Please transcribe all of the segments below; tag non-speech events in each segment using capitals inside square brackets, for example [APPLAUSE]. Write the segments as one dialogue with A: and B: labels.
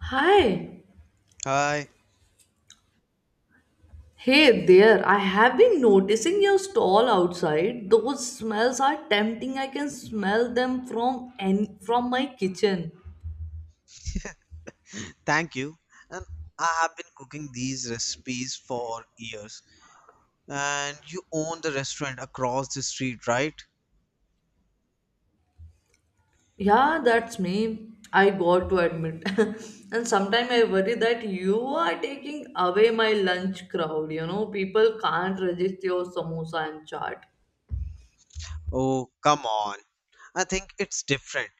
A: Hi.
B: Hi,
A: Hey there. I have been noticing your stall outside. Those smells are tempting. I can smell them from my kitchen.
B: thank you. And I have been cooking these recipes for years. And you own the restaurant across the street, right?
A: Yeah, that's me. I got to admit. [LAUGHS] And sometimes I worry that you are taking away my lunch crowd. People can't resist your samosa and chaat.
B: Oh, come on. I think it's different.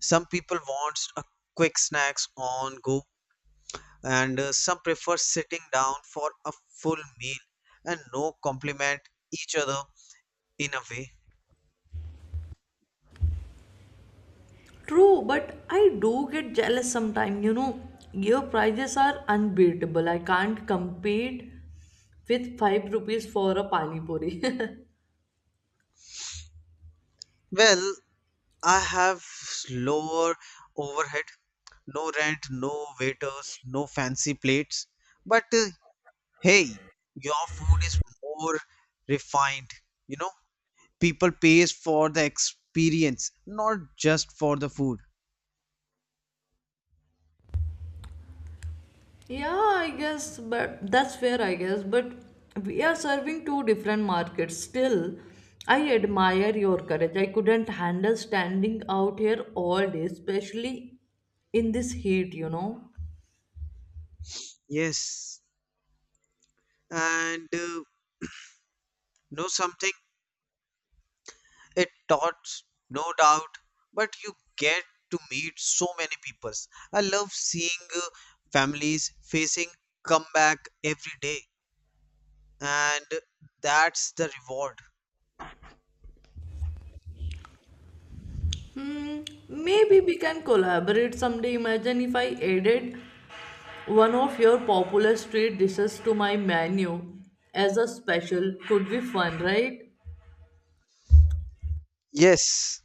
B: Some people want a quick snacks on go, and some prefer sitting down for a full meal and no compliment each other in a way.
A: True, but I do get jealous sometimes. Your prices are unbeatable. I can't compete with 5 rupees for a pani puri.
B: Well, I have lower overhead, no rent, no waiters, no fancy plates. But hey, your food is more refined. You know, people pays for the experience, not just for the food.
A: [LAUGHS] Yeah, I guess, but that's fair, I guess. But we are serving two different markets still. I admire your courage. I couldn't handle standing out here all day, especially in this heat.
B: Yes, and know something? It taught, no doubt, but you get to meet so many peoples. I love seeing uh, families facing comeback every day. And that's the reward.
A: Maybe we can collaborate someday. Imagine if I added one of your popular street dishes to my menu as a special could be fun, right?
B: Yes,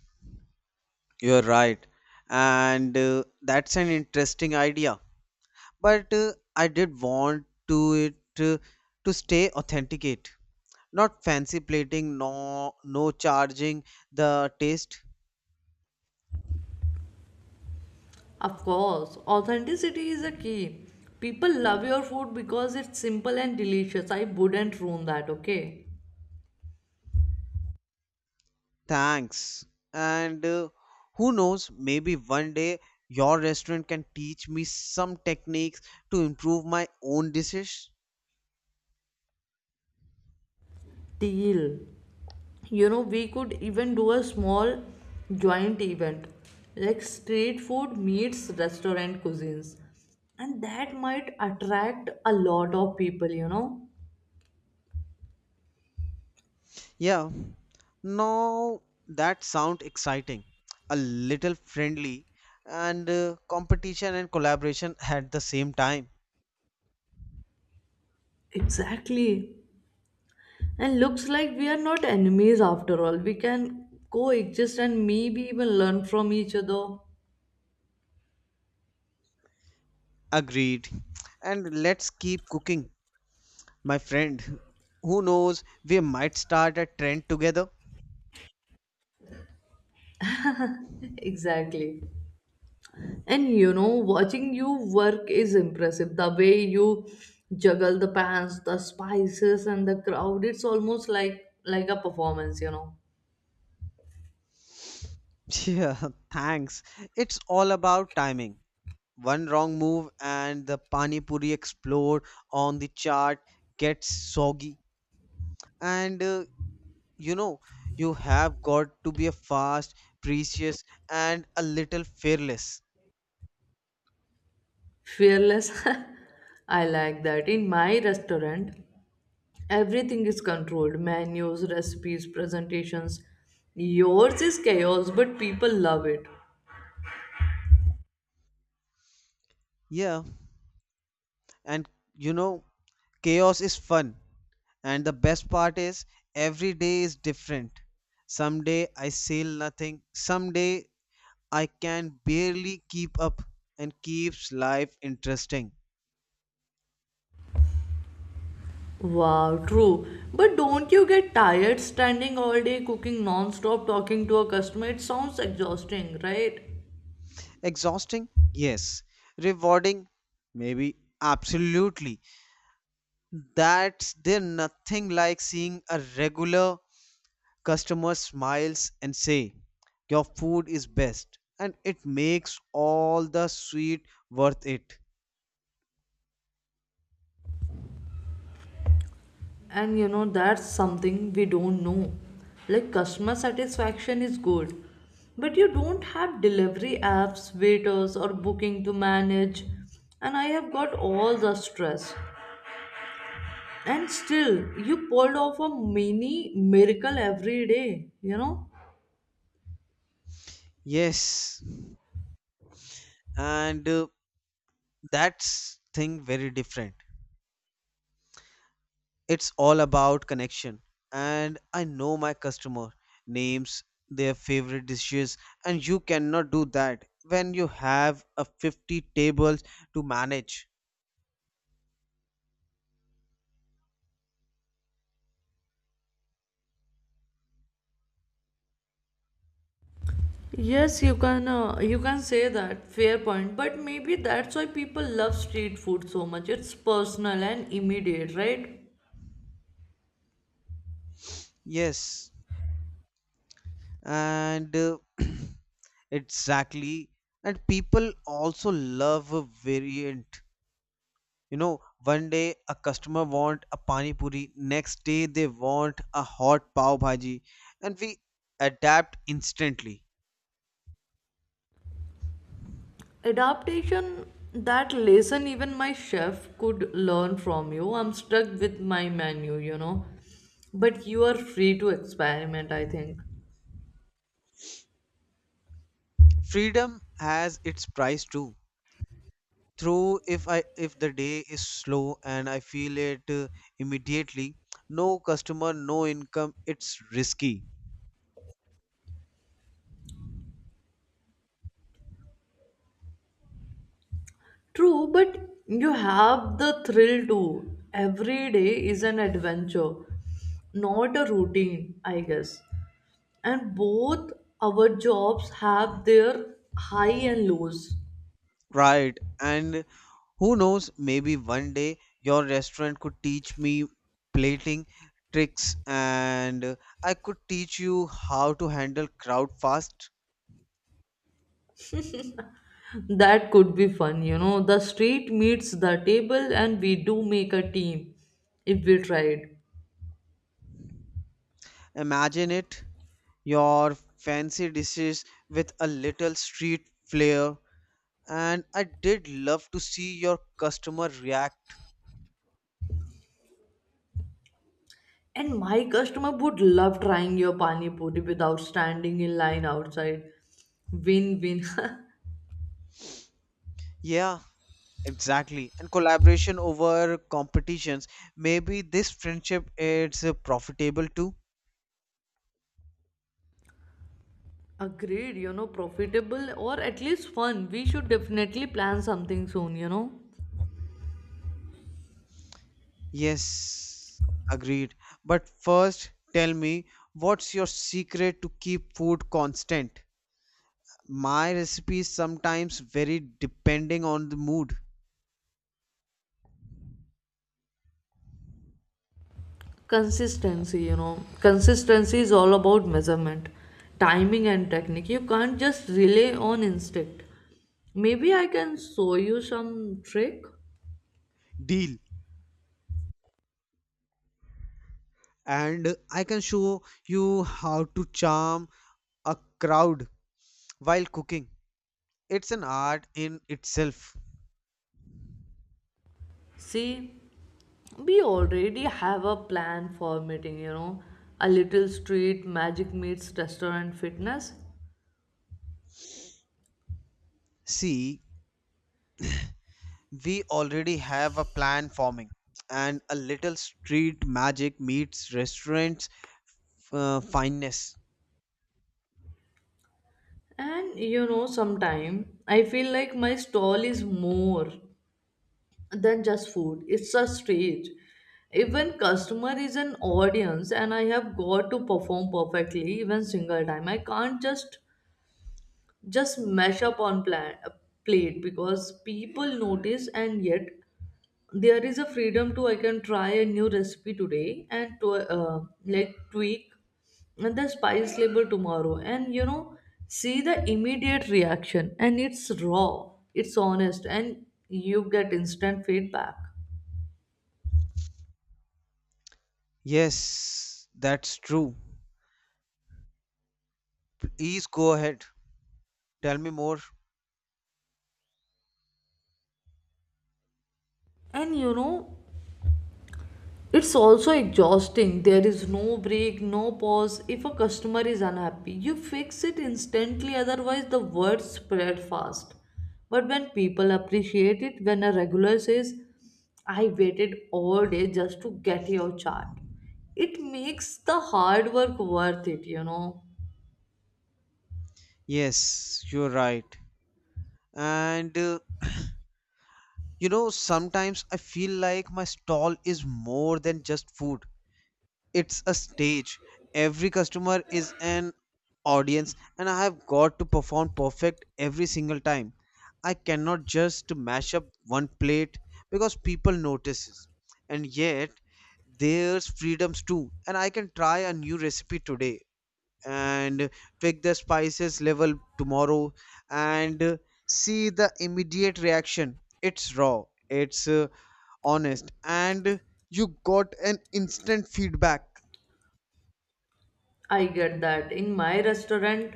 B: you're right, and that's an interesting idea, but I did want to it to stay authenticate, not fancy plating, no no charging the taste.
A: Of course, authenticity is a key. People love your food because it's simple and delicious. I wouldn't ruin that, okay?
B: Thanks, and who knows, maybe one day your restaurant can teach me some techniques to improve my own dishes.
A: Deal. We could even do a small joint event like street food meets restaurant cuisines, and that might attract a lot of people.
B: Yeah, now that sound exciting, a little friendly, and competition and collaboration at the same time.
A: Exactly. And looks like we are not enemies after all. We can coexist and maybe even learn from each other.
B: Agreed. And let's keep cooking, my friend. Who knows, we might start a trend together.
A: [LAUGHS] Exactly. And watching you work is impressive. The way you juggle the pans, the spices, and the crowd, it's almost like a performance.
B: [LAUGHS] Yeah, thanks. It's all about timing. One wrong move and the pani puri explode on the chart gets soggy. And you know, you have got to be a fast, precious, and a little fearless.
A: Fearless. [LAUGHS] I like that. In my restaurant, everything is controlled menus, recipes, presentations. Yours is chaos, but people love it.
B: Yeah, and you know, chaos is fun, and the best part is every day is different. Someday I sail nothing, someday I can barely keep up, and keeps life interesting.
A: Wow, true. But don't you get tired standing all day cooking non-stop talking to a customer? It sounds exhausting, right?
B: Exhausting, yes. Rewarding, maybe. Absolutely. That's there, nothing like seeing a regular customer smiles and say, "Your food is best," and it makes all the sweet worth it.
A: And that's something we don't know. Like customer satisfaction is good, but you don't have delivery apps, waiters or booking to manage. And I have got all the stress. And still you pulled off a mini miracle every day, you know?
B: Yes, and that's thing very different. It's all about connection, and I know my customer names their favorite dishes, and you cannot do that when you have a 50 tables to manage.
A: Yes, you can say that fair point, but maybe that's why people love street food so much. It's personal and immediate, right?
B: Yes, and [CLEARS THROAT] exactly, and people also love a variant. You know, one day a customer want a pani puri, next day they want a hot pav bhaji, and we adapt instantly.
A: Adaptation that lesson even my chef could learn from you. I'm stuck with my menu. But you are free to experiment, I think.
B: Freedom has its price too, through if the day is slow and I feel it immediately, no customer, no income, it's risky.
A: True, but you have the thrill too. Every day is an adventure, not a routine, I guess. And both our jobs have their high and lows.
B: Right, and who knows, maybe one day your restaurant could teach me plating tricks, and I could teach you how to handle crowd fast.
A: That could be fun. The street meets the table, and we do make a team if we tried.
B: Imagine it, your fancy dishes with a little street flair. And I did love to see your customer react.
A: And my customer would love trying your pani puri without standing in line outside. Win win. [LAUGHS]
B: Yeah, exactly. And collaboration over competitions. Maybe this friendship is profitable too.
A: Agreed, profitable or at least fun. We should definitely plan something soon.
B: Yes, agreed. But first, tell me, what's your secret to keep food constant? My recipes sometimes vary depending on the mood.
A: Consistency, consistency is all about measurement, timing, and technique. You can't just rely on instinct. Maybe I can show you some trick.
B: Deal. And I can show you how to charm a crowd while cooking. It's an art in itself.
A: See, we already have a plan for meeting, a little street magic meets restaurant fitness.
B: See, we already have a plan forming, and a little street magic meets restaurants fineness.
A: And sometime I feel like my stall is more than just food. It's a stage. Even customer is an audience, and I have got to perform perfectly even single time. I can't just mash up on plan, a plate because people notice. And yet there is a freedom to. I can try a new recipe today and to like tweak and the spice label tomorrow, and see the immediate reaction. And it's raw, it's honest, and you get instant feedback.
B: Yes, that's true. Please go ahead. Tell me more.
A: And it's also exhausting. There is no break, no pause. If a customer is unhappy, you fix it instantly; otherwise, the word spread fast. But when people appreciate it, when a regular says, "I waited all day just to get your chart," it makes the hard work worth it.
B: Yes, you're right. And you know, sometimes I feel like my stall is more than just food, it's a stage. Every customer is an audience, and I have got to perform perfect every single time. I cannot just mash up one plate because people notices. And yet, there's freedoms too, and I can try a new recipe today and pick the spices level tomorrow and see the immediate reaction. It's raw, it's honest, and you got an instant feedback.
A: I get that. In my restaurant,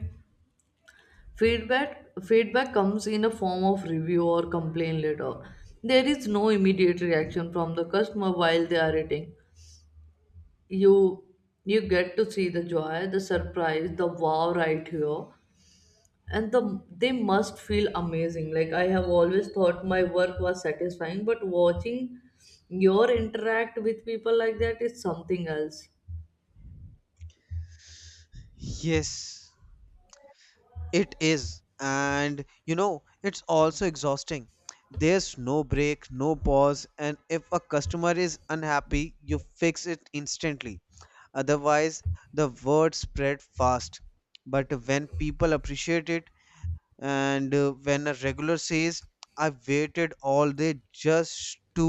A: feedback comes in a form of review or complaint letter. There is no immediate reaction from the customer while they are eating. You you get to see the joy, the surprise, the wow right here. And they must feel amazing. Like I have always thought my work was satisfying, but watching your interact with people like that is something else.
B: Yes, it is. And you know, it's also exhausting. There's no break, no pause, and if a customer is unhappy, you fix it instantly, otherwise the word spread fast. But when people appreciate it, and when a regular says, I waited all day just to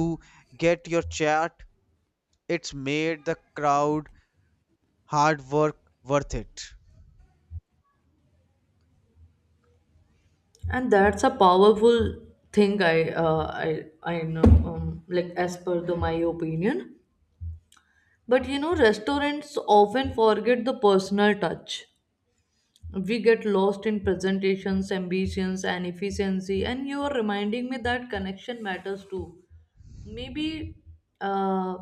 B: get your chat, it's made the crowd hard work worth it.
A: And that's a powerful thing. I know, like, as per the my opinion. But restaurants often forget the personal touch. We get lost in presentations, ambitions, and efficiency, and you are reminding me that connection matters too. Maybe, uh,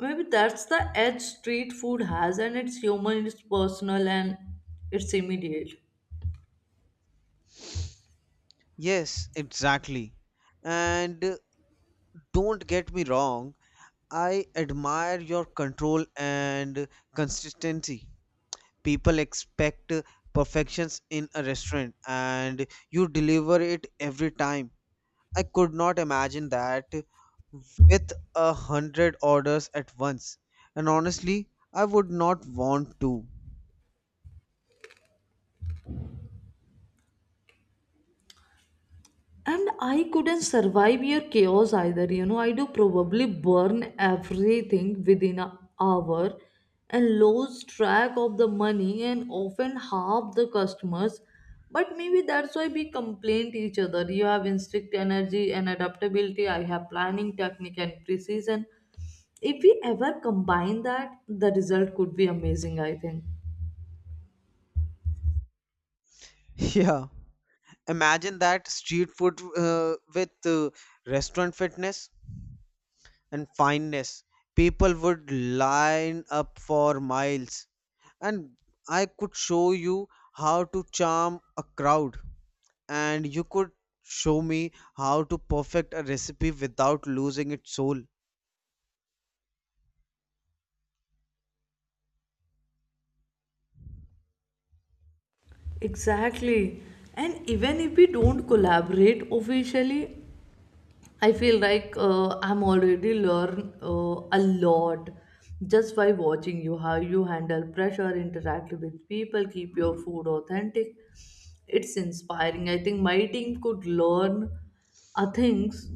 A: maybe that's the edge street food has. And it's human, it's personal, and it's immediate.
B: Yes, exactly. And don't get me wrong, I admire your control and consistency. People expect perfections in a restaurant, and you deliver it every time. I could not imagine that with a 100 orders at once. And honestly, I would not want to. [LAUGHS]
A: And I couldn't survive your chaos either. I do probably burn everything within an hour and lose track of the money and often half the customers. But maybe that's why we complain to each other. You have instinct energy and adaptability. I have planning, technique, and precision. If we ever combine that, the result could be amazing, I think.
B: Yeah. Imagine that, street food with restaurant fitness and fineness. People would line up for miles. And I could show you how to charm a crowd. And you could show me how to perfect a recipe without losing its soul.
A: Exactly. And even if we don't collaborate officially, I feel like I'm already learn a lot just by watching you how you handle pressure, interact with people, keep your food authentic. It's inspiring. I think my team could learn a things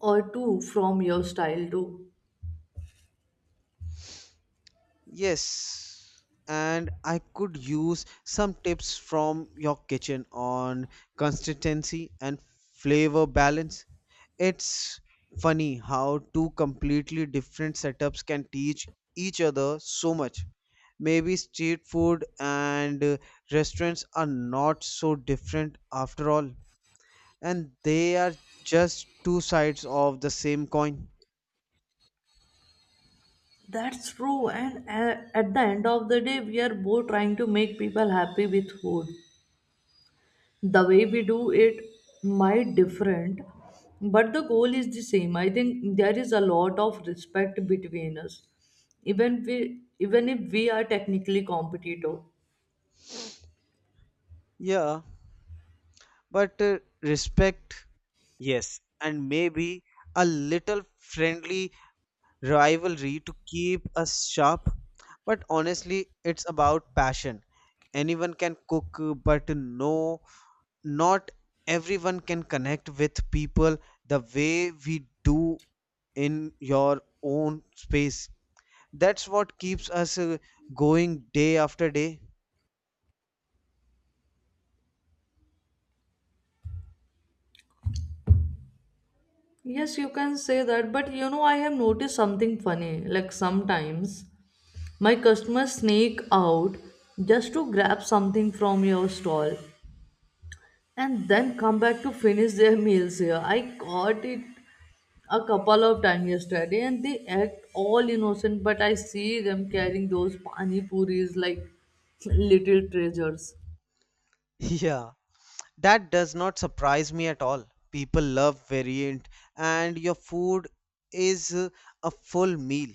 A: or two from your style too.
B: Yes, and I could use some tips from your kitchen on consistency and flavor balance. It's funny how two completely different setups can teach each other so much. Maybe street food and restaurants are not so different after all, and they are just two sides of the same coin.
A: That's true. And at the end of the day, we are both trying to make people happy with food. The way we do it might different, but the goal is the same. I think there is a lot of respect between us even if we are technically competitive.
B: Yeah, but respect. Yes, and maybe a little friendly rivalry to keep us sharp. But honestly, it's about passion. Anyone can cook, but no, not everyone can connect with people the way we do in your own space. That's what keeps us going day after day. [LAUGHS]
A: Yes, you can say that, but I have noticed something funny, like sometimes my customers sneak out just to grab something from your stall and then come back to finish their meals here. I caught it a couple of times yesterday, and they act all innocent, but I see them carrying those pani puris like little treasures.
B: Yeah, that does not surprise me at all. People love variant, and your food is a full meal.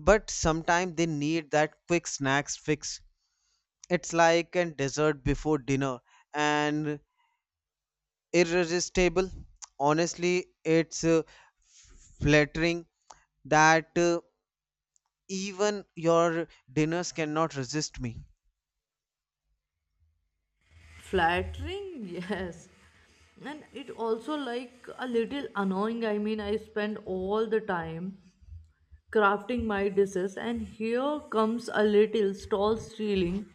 B: But sometimes they need that quick snacks fix. It's like a dessert before dinner and irresistible. Honestly, it's flattering that even your dinners cannot resist me.
A: Flattering, [LAUGHS] yes. And it also like a little annoying. I mean, I spend all the time crafting my dishes and here comes a little stall stealing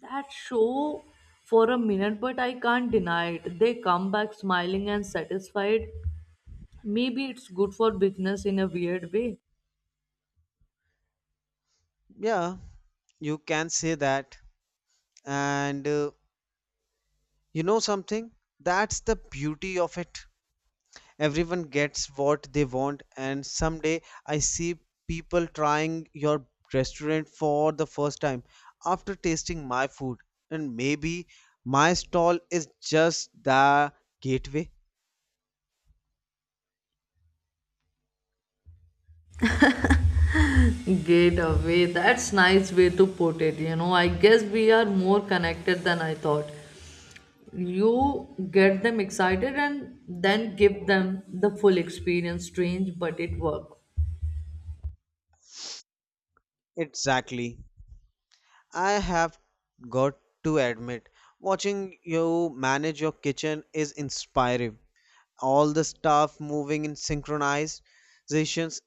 A: that show for a minute, but I can't deny it. They come back smiling and satisfied. Maybe it's good for business in a weird way.
B: Yeah, you can say that. And you know something? That's the beauty of it. Everyone gets what they want, and someday I see people trying your restaurant for the first time after tasting my food. And maybe my stall is just the gateway.
A: Get away, that's nice way to put it, I guess we are more connected than I thought. You get them excited and then give them the full experience. Strange, but it worked.
B: Exactly. I have got to admit, watching you manage your kitchen is inspiring. All the staff moving in synchronized positions,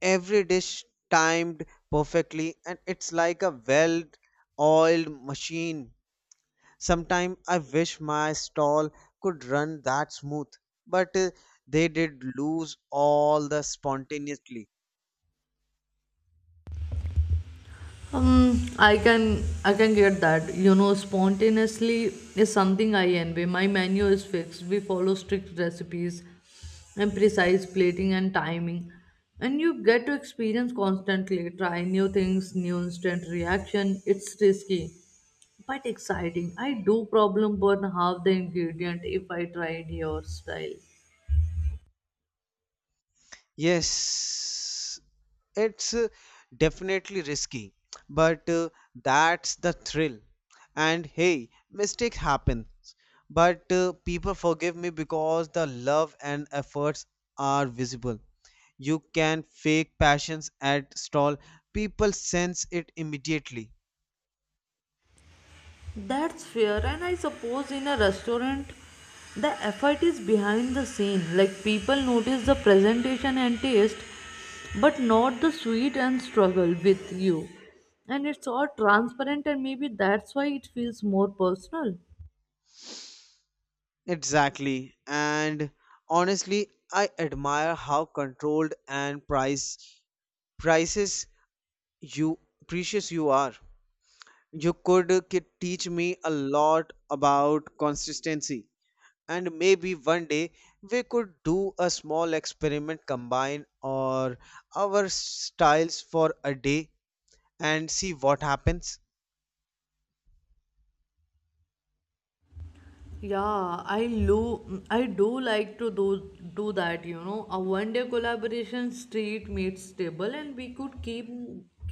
B: every dish timed perfectly, and it's like a well oiled machine. Sometimes I wish my stall could run that smooth, but they did lose all the spontaneity.
A: I can get that. Spontaneously is something I envy. My menu is fixed. We follow strict recipes and precise plating and timing. And you get to experience constantly, try new things, new instant reaction. It's risky, but exciting. I do problem burn half the ingredient if I tried your style.
B: Yes, it's definitely risky, but that's the thrill. And hey, mistakes happen, but people forgive me because the love and efforts are visible. You can fake passions at stall, people sense it immediately.
A: That's fair, and I suppose in a restaurant, the effort is behind the scene. Like people notice the presentation and taste, but not the sweat and struggle with you. And it's all transparent, and maybe that's why it feels more personal.
B: Exactly, and honestly, I admire how controlled and price prices you precious you are. You could teach me a lot about consistency, and maybe one day we could do a small experiment, combine or our styles for a day and see what happens.
A: Yeah, I do like to do that. A one day collaboration street meets table, and we could keep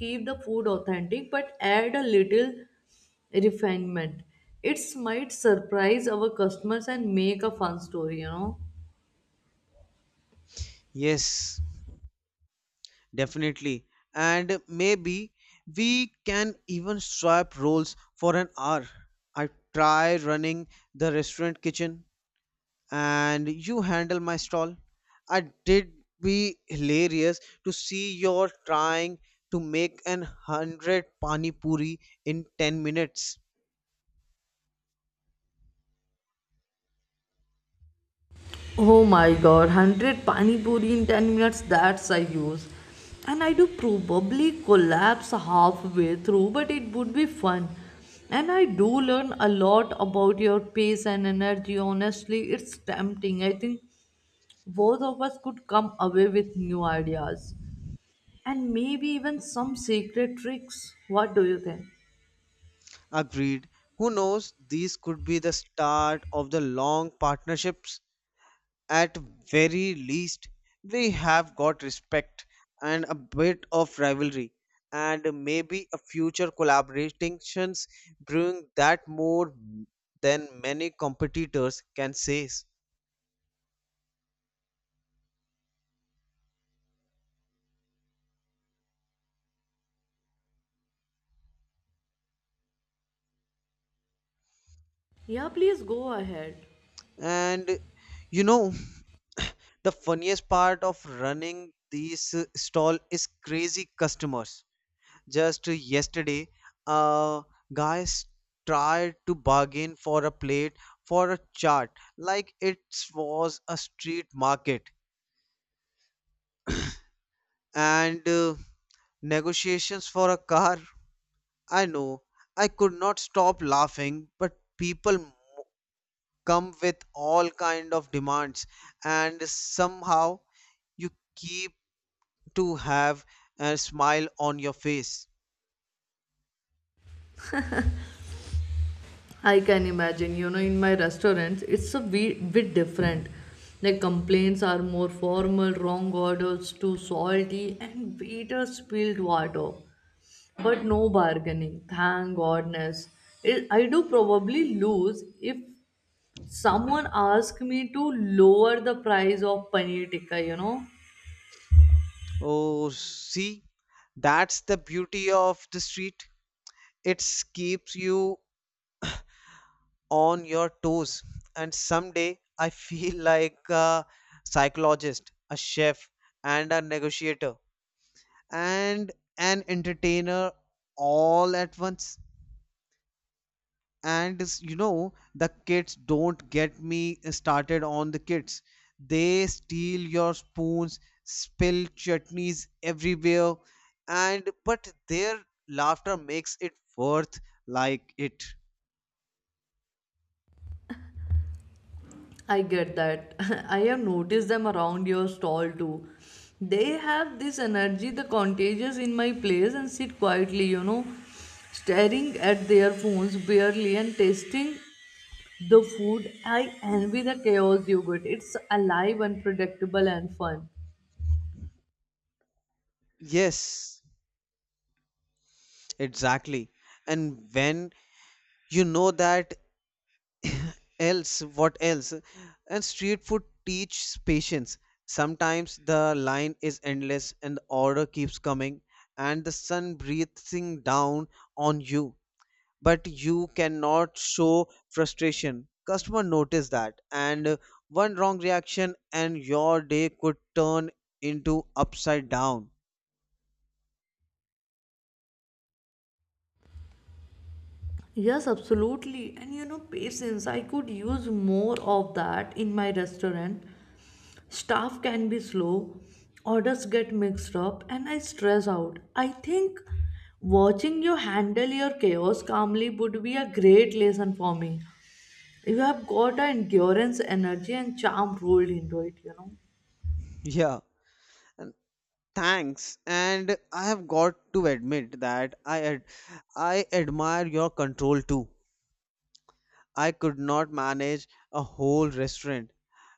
A: keep the food authentic but add a little refinement. It might surprise our customers and make a fun story.
B: Yes, definitely. And maybe we can even swap roles for an hour. I try running the restaurant kitchen and you handle my stall. I did be hilarious to see you're trying to make an 100 pani puri in 10 minutes.
A: Oh my god, 100 pani puri in 10 minutes, that's I use. And I do probably collapse halfway through, but it would be fun. And I do learn a lot about your pace and energy. Honestly, it's tempting. I think both of us could come away with new ideas and maybe even some secret tricks. What do you think?
B: Agreed. Who knows? These could be the start of the long partnerships. At very least, we have got respect and a bit of rivalry, and maybe a future collaborations brewing that more than many competitors can say.
A: Yeah, please go ahead.
B: And you know, the funniest part of running these stall is crazy customers. Just yesterday, uh guys tried to bargain for a plate for a chart like it was a street market, and negotiations for a car. I know, I could not stop laughing, but people come with all kind of demands, and somehow you keep to have a smile on your face.
A: I can imagine, in my restaurants, it's a bit different. The complaints are more formal, wrong orders too salty, and waiters spilled water. But no bargaining, thank goodness. It, I do probably lose if someone asks me to lower the price of paneer tikka.
B: Oh, see, that's the beauty of the street. It keeps you on your toes, and someday I feel [LAUGHS] like a psychologist, a chef, and a negotiator, and an entertainer, all at once. And you know, the kids, don't get me started on the kids. They steal your spoons, spill chutneys everywhere, and but their laughter makes it worth like it.
A: I get that. [LAUGHS] I have noticed them around your stall too. They have this energy, the contagious in my place, and sit quietly, staring at their phones barely and tasting the food. I envy the chaos you get. It's alive, unpredictable, and fun.
B: Yes, exactly. And when you know that, else what else, and street food teaches patience. Sometimes the line is endless and the order keeps coming, and the sun breathing down on you, but you cannot show frustration, customer notice that, and one wrong reaction and your day could turn into upside down.
A: Yes, absolutely. And patience, I could use more of that in my restaurant. Staff can be slow, orders get mixed up, and I stress out. I think watching you handle your chaos calmly would be a great lesson for me. You have got a endurance, energy, and charm rolled into it.
B: Yeah, and thanks, and I have got to admit that I admire your control too. I could not manage a whole restaurant.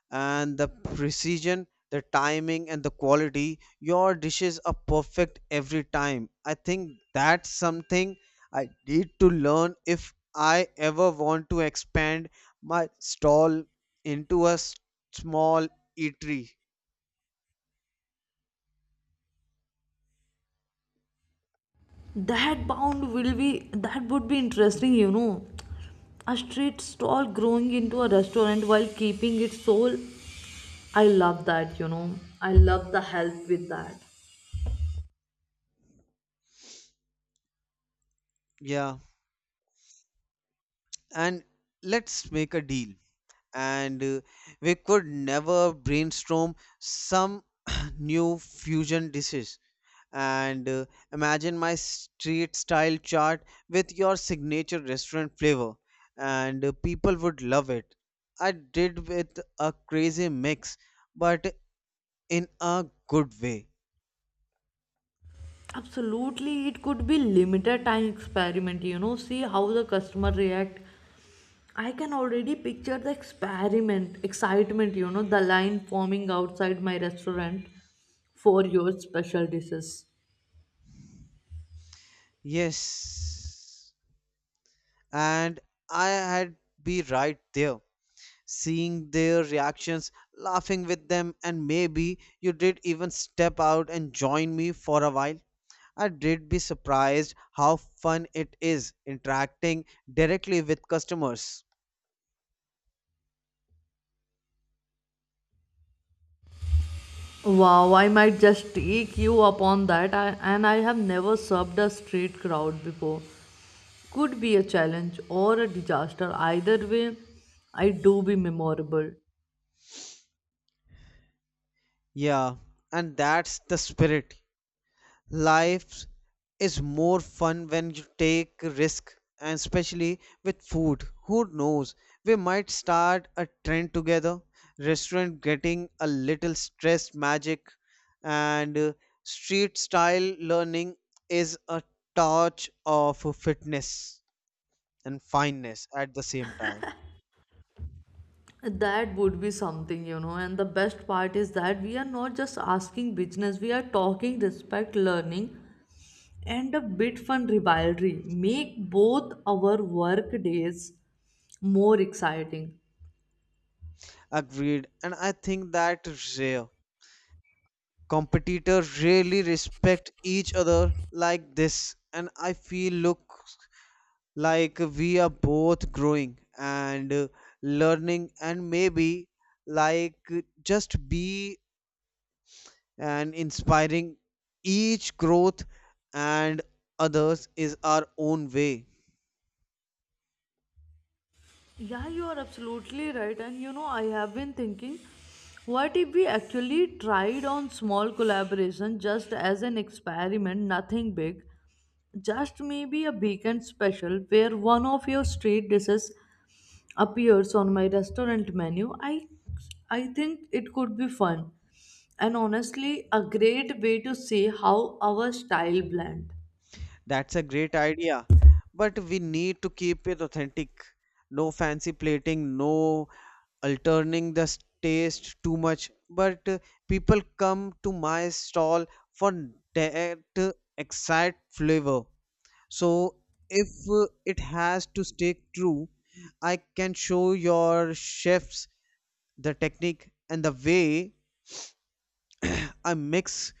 B: And the precision, the timing, and the quality, your dishes are perfect every time. I think that's something I need to learn if I ever want to expand my stall into a small eatery.
A: That would be interesting, A street stall growing into a restaurant while keeping its soul. I love that. I love the help with that.
B: Yeah. And let's make a deal. And we could never brainstorm some [CLEARS THROAT] new fusion dishes, and imagine my street style chart with your signature restaurant flavor, and people would love it. I did with a crazy mix, but in a good way.
A: Absolutely, it could be limited time experiment, See how the customer react. I can already picture the excitement, the line forming outside my restaurant for your special dishes.
B: Yes, and I had be right there seeing their reactions, laughing with them, and maybe you did even step out and join me for a while. I did be surprised how fun it is interacting directly with customers.
A: Wow, I might just take you upon that, and I have never served a street crowd before. Could be a challenge or a disaster. Either way, I do be memorable.
B: Yeah, and that's the spirit. Life is more fun when you take risk, and especially with food, who knows, we might start a trend together, restaurant getting a little stress magic, and street style learning is a touch of fitness and fineness at the same time.
A: That would be something, And the best part is that we are not just asking business. We are talking respect, learning, and a bit fun rivalry. Make both our work days more exciting.
B: Agreed, and I think that rare competitors really respect each other like this, and I feel look like we are both growing, and learning, and maybe like just be and inspiring each growth and others is our own way.
A: Yeah, you are absolutely right. And I have been thinking, what if we actually tried on small collaboration just as an experiment, nothing big? Just maybe a weekend special where one of your street dishes appears on my restaurant menu. I think it could be fun. And honestly, a great way to see how our style blend.
B: That's a great idea, but we need to keep it authentic, no fancy plating, no alterning the taste too much, but people come to my stall for that exact flavor. So if it has to stay true, I can show your chefs the technique and the way I mix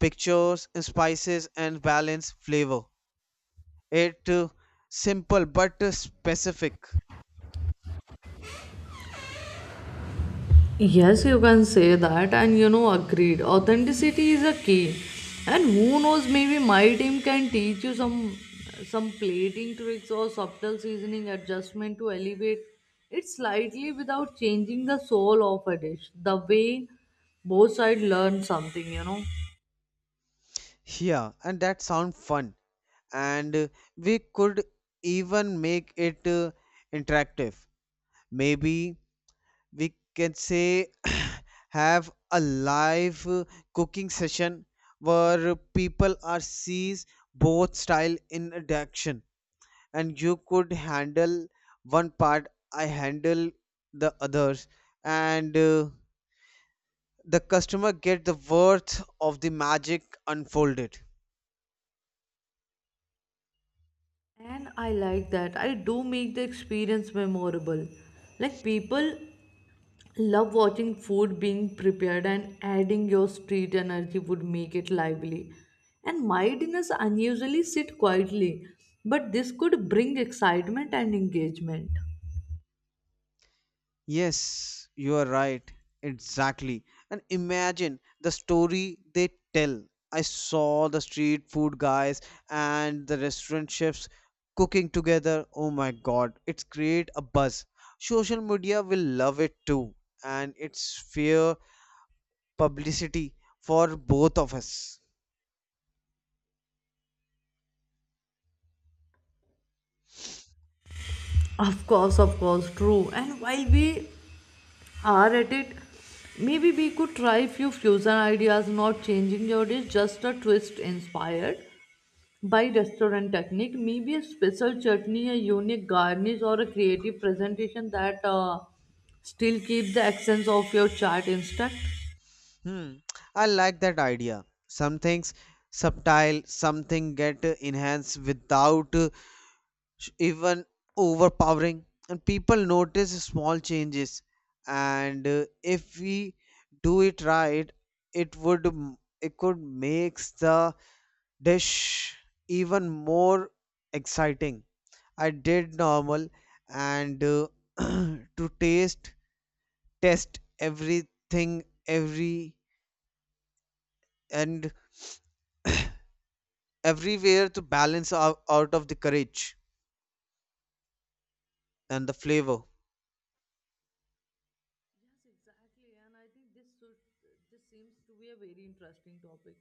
B: pictures and spices and balance flavor. It simple but specific.
A: Yes, you can say that, and agreed. Authenticity is a key, and who knows, maybe my team can teach you some plating tricks or subtle seasoning adjustment to elevate it slightly without changing the soul of a dish. The way both sides learn something,
B: Yeah, and that sound fun. And we could even make it interactive. Maybe we can say [CLEARS THROAT] have a live cooking session where people are sees both style in a direction, and you could handle one part, I handle the others, and the customer get the worth of the magic unfolded.
A: And I like that. I do make the experience memorable. Like people love watching food being prepared and adding your street energy would make it lively. And my dinners unusually sit quietly, but this could bring excitement and engagement.
B: Yes, you are right. Exactly. And imagine the story they tell. I saw the street food guys and the restaurant chefs cooking together. Oh my god, it's create a buzz. Social media will love it too. And it's fair publicity for both of us.
A: Of course, true. And while we are at it, maybe we could try few fusion ideas, not changing your dish, just a twist inspired by restaurant technique, maybe a special chutney, a unique garnish, or a creative presentation that still keep the essence of your chart intact. Yes,
B: Hmm, I like that idea. Some things subtle, something get enhanced without even overpowering, and people notice small changes, and if we do it right, it would it could makes the dish even more exciting. I did normal, and [CLEARS THROAT] to taste test everything, every and everywhere to balance out, out of the courage and the flavor.
A: exactly, and I think this seems to be a very interesting topic.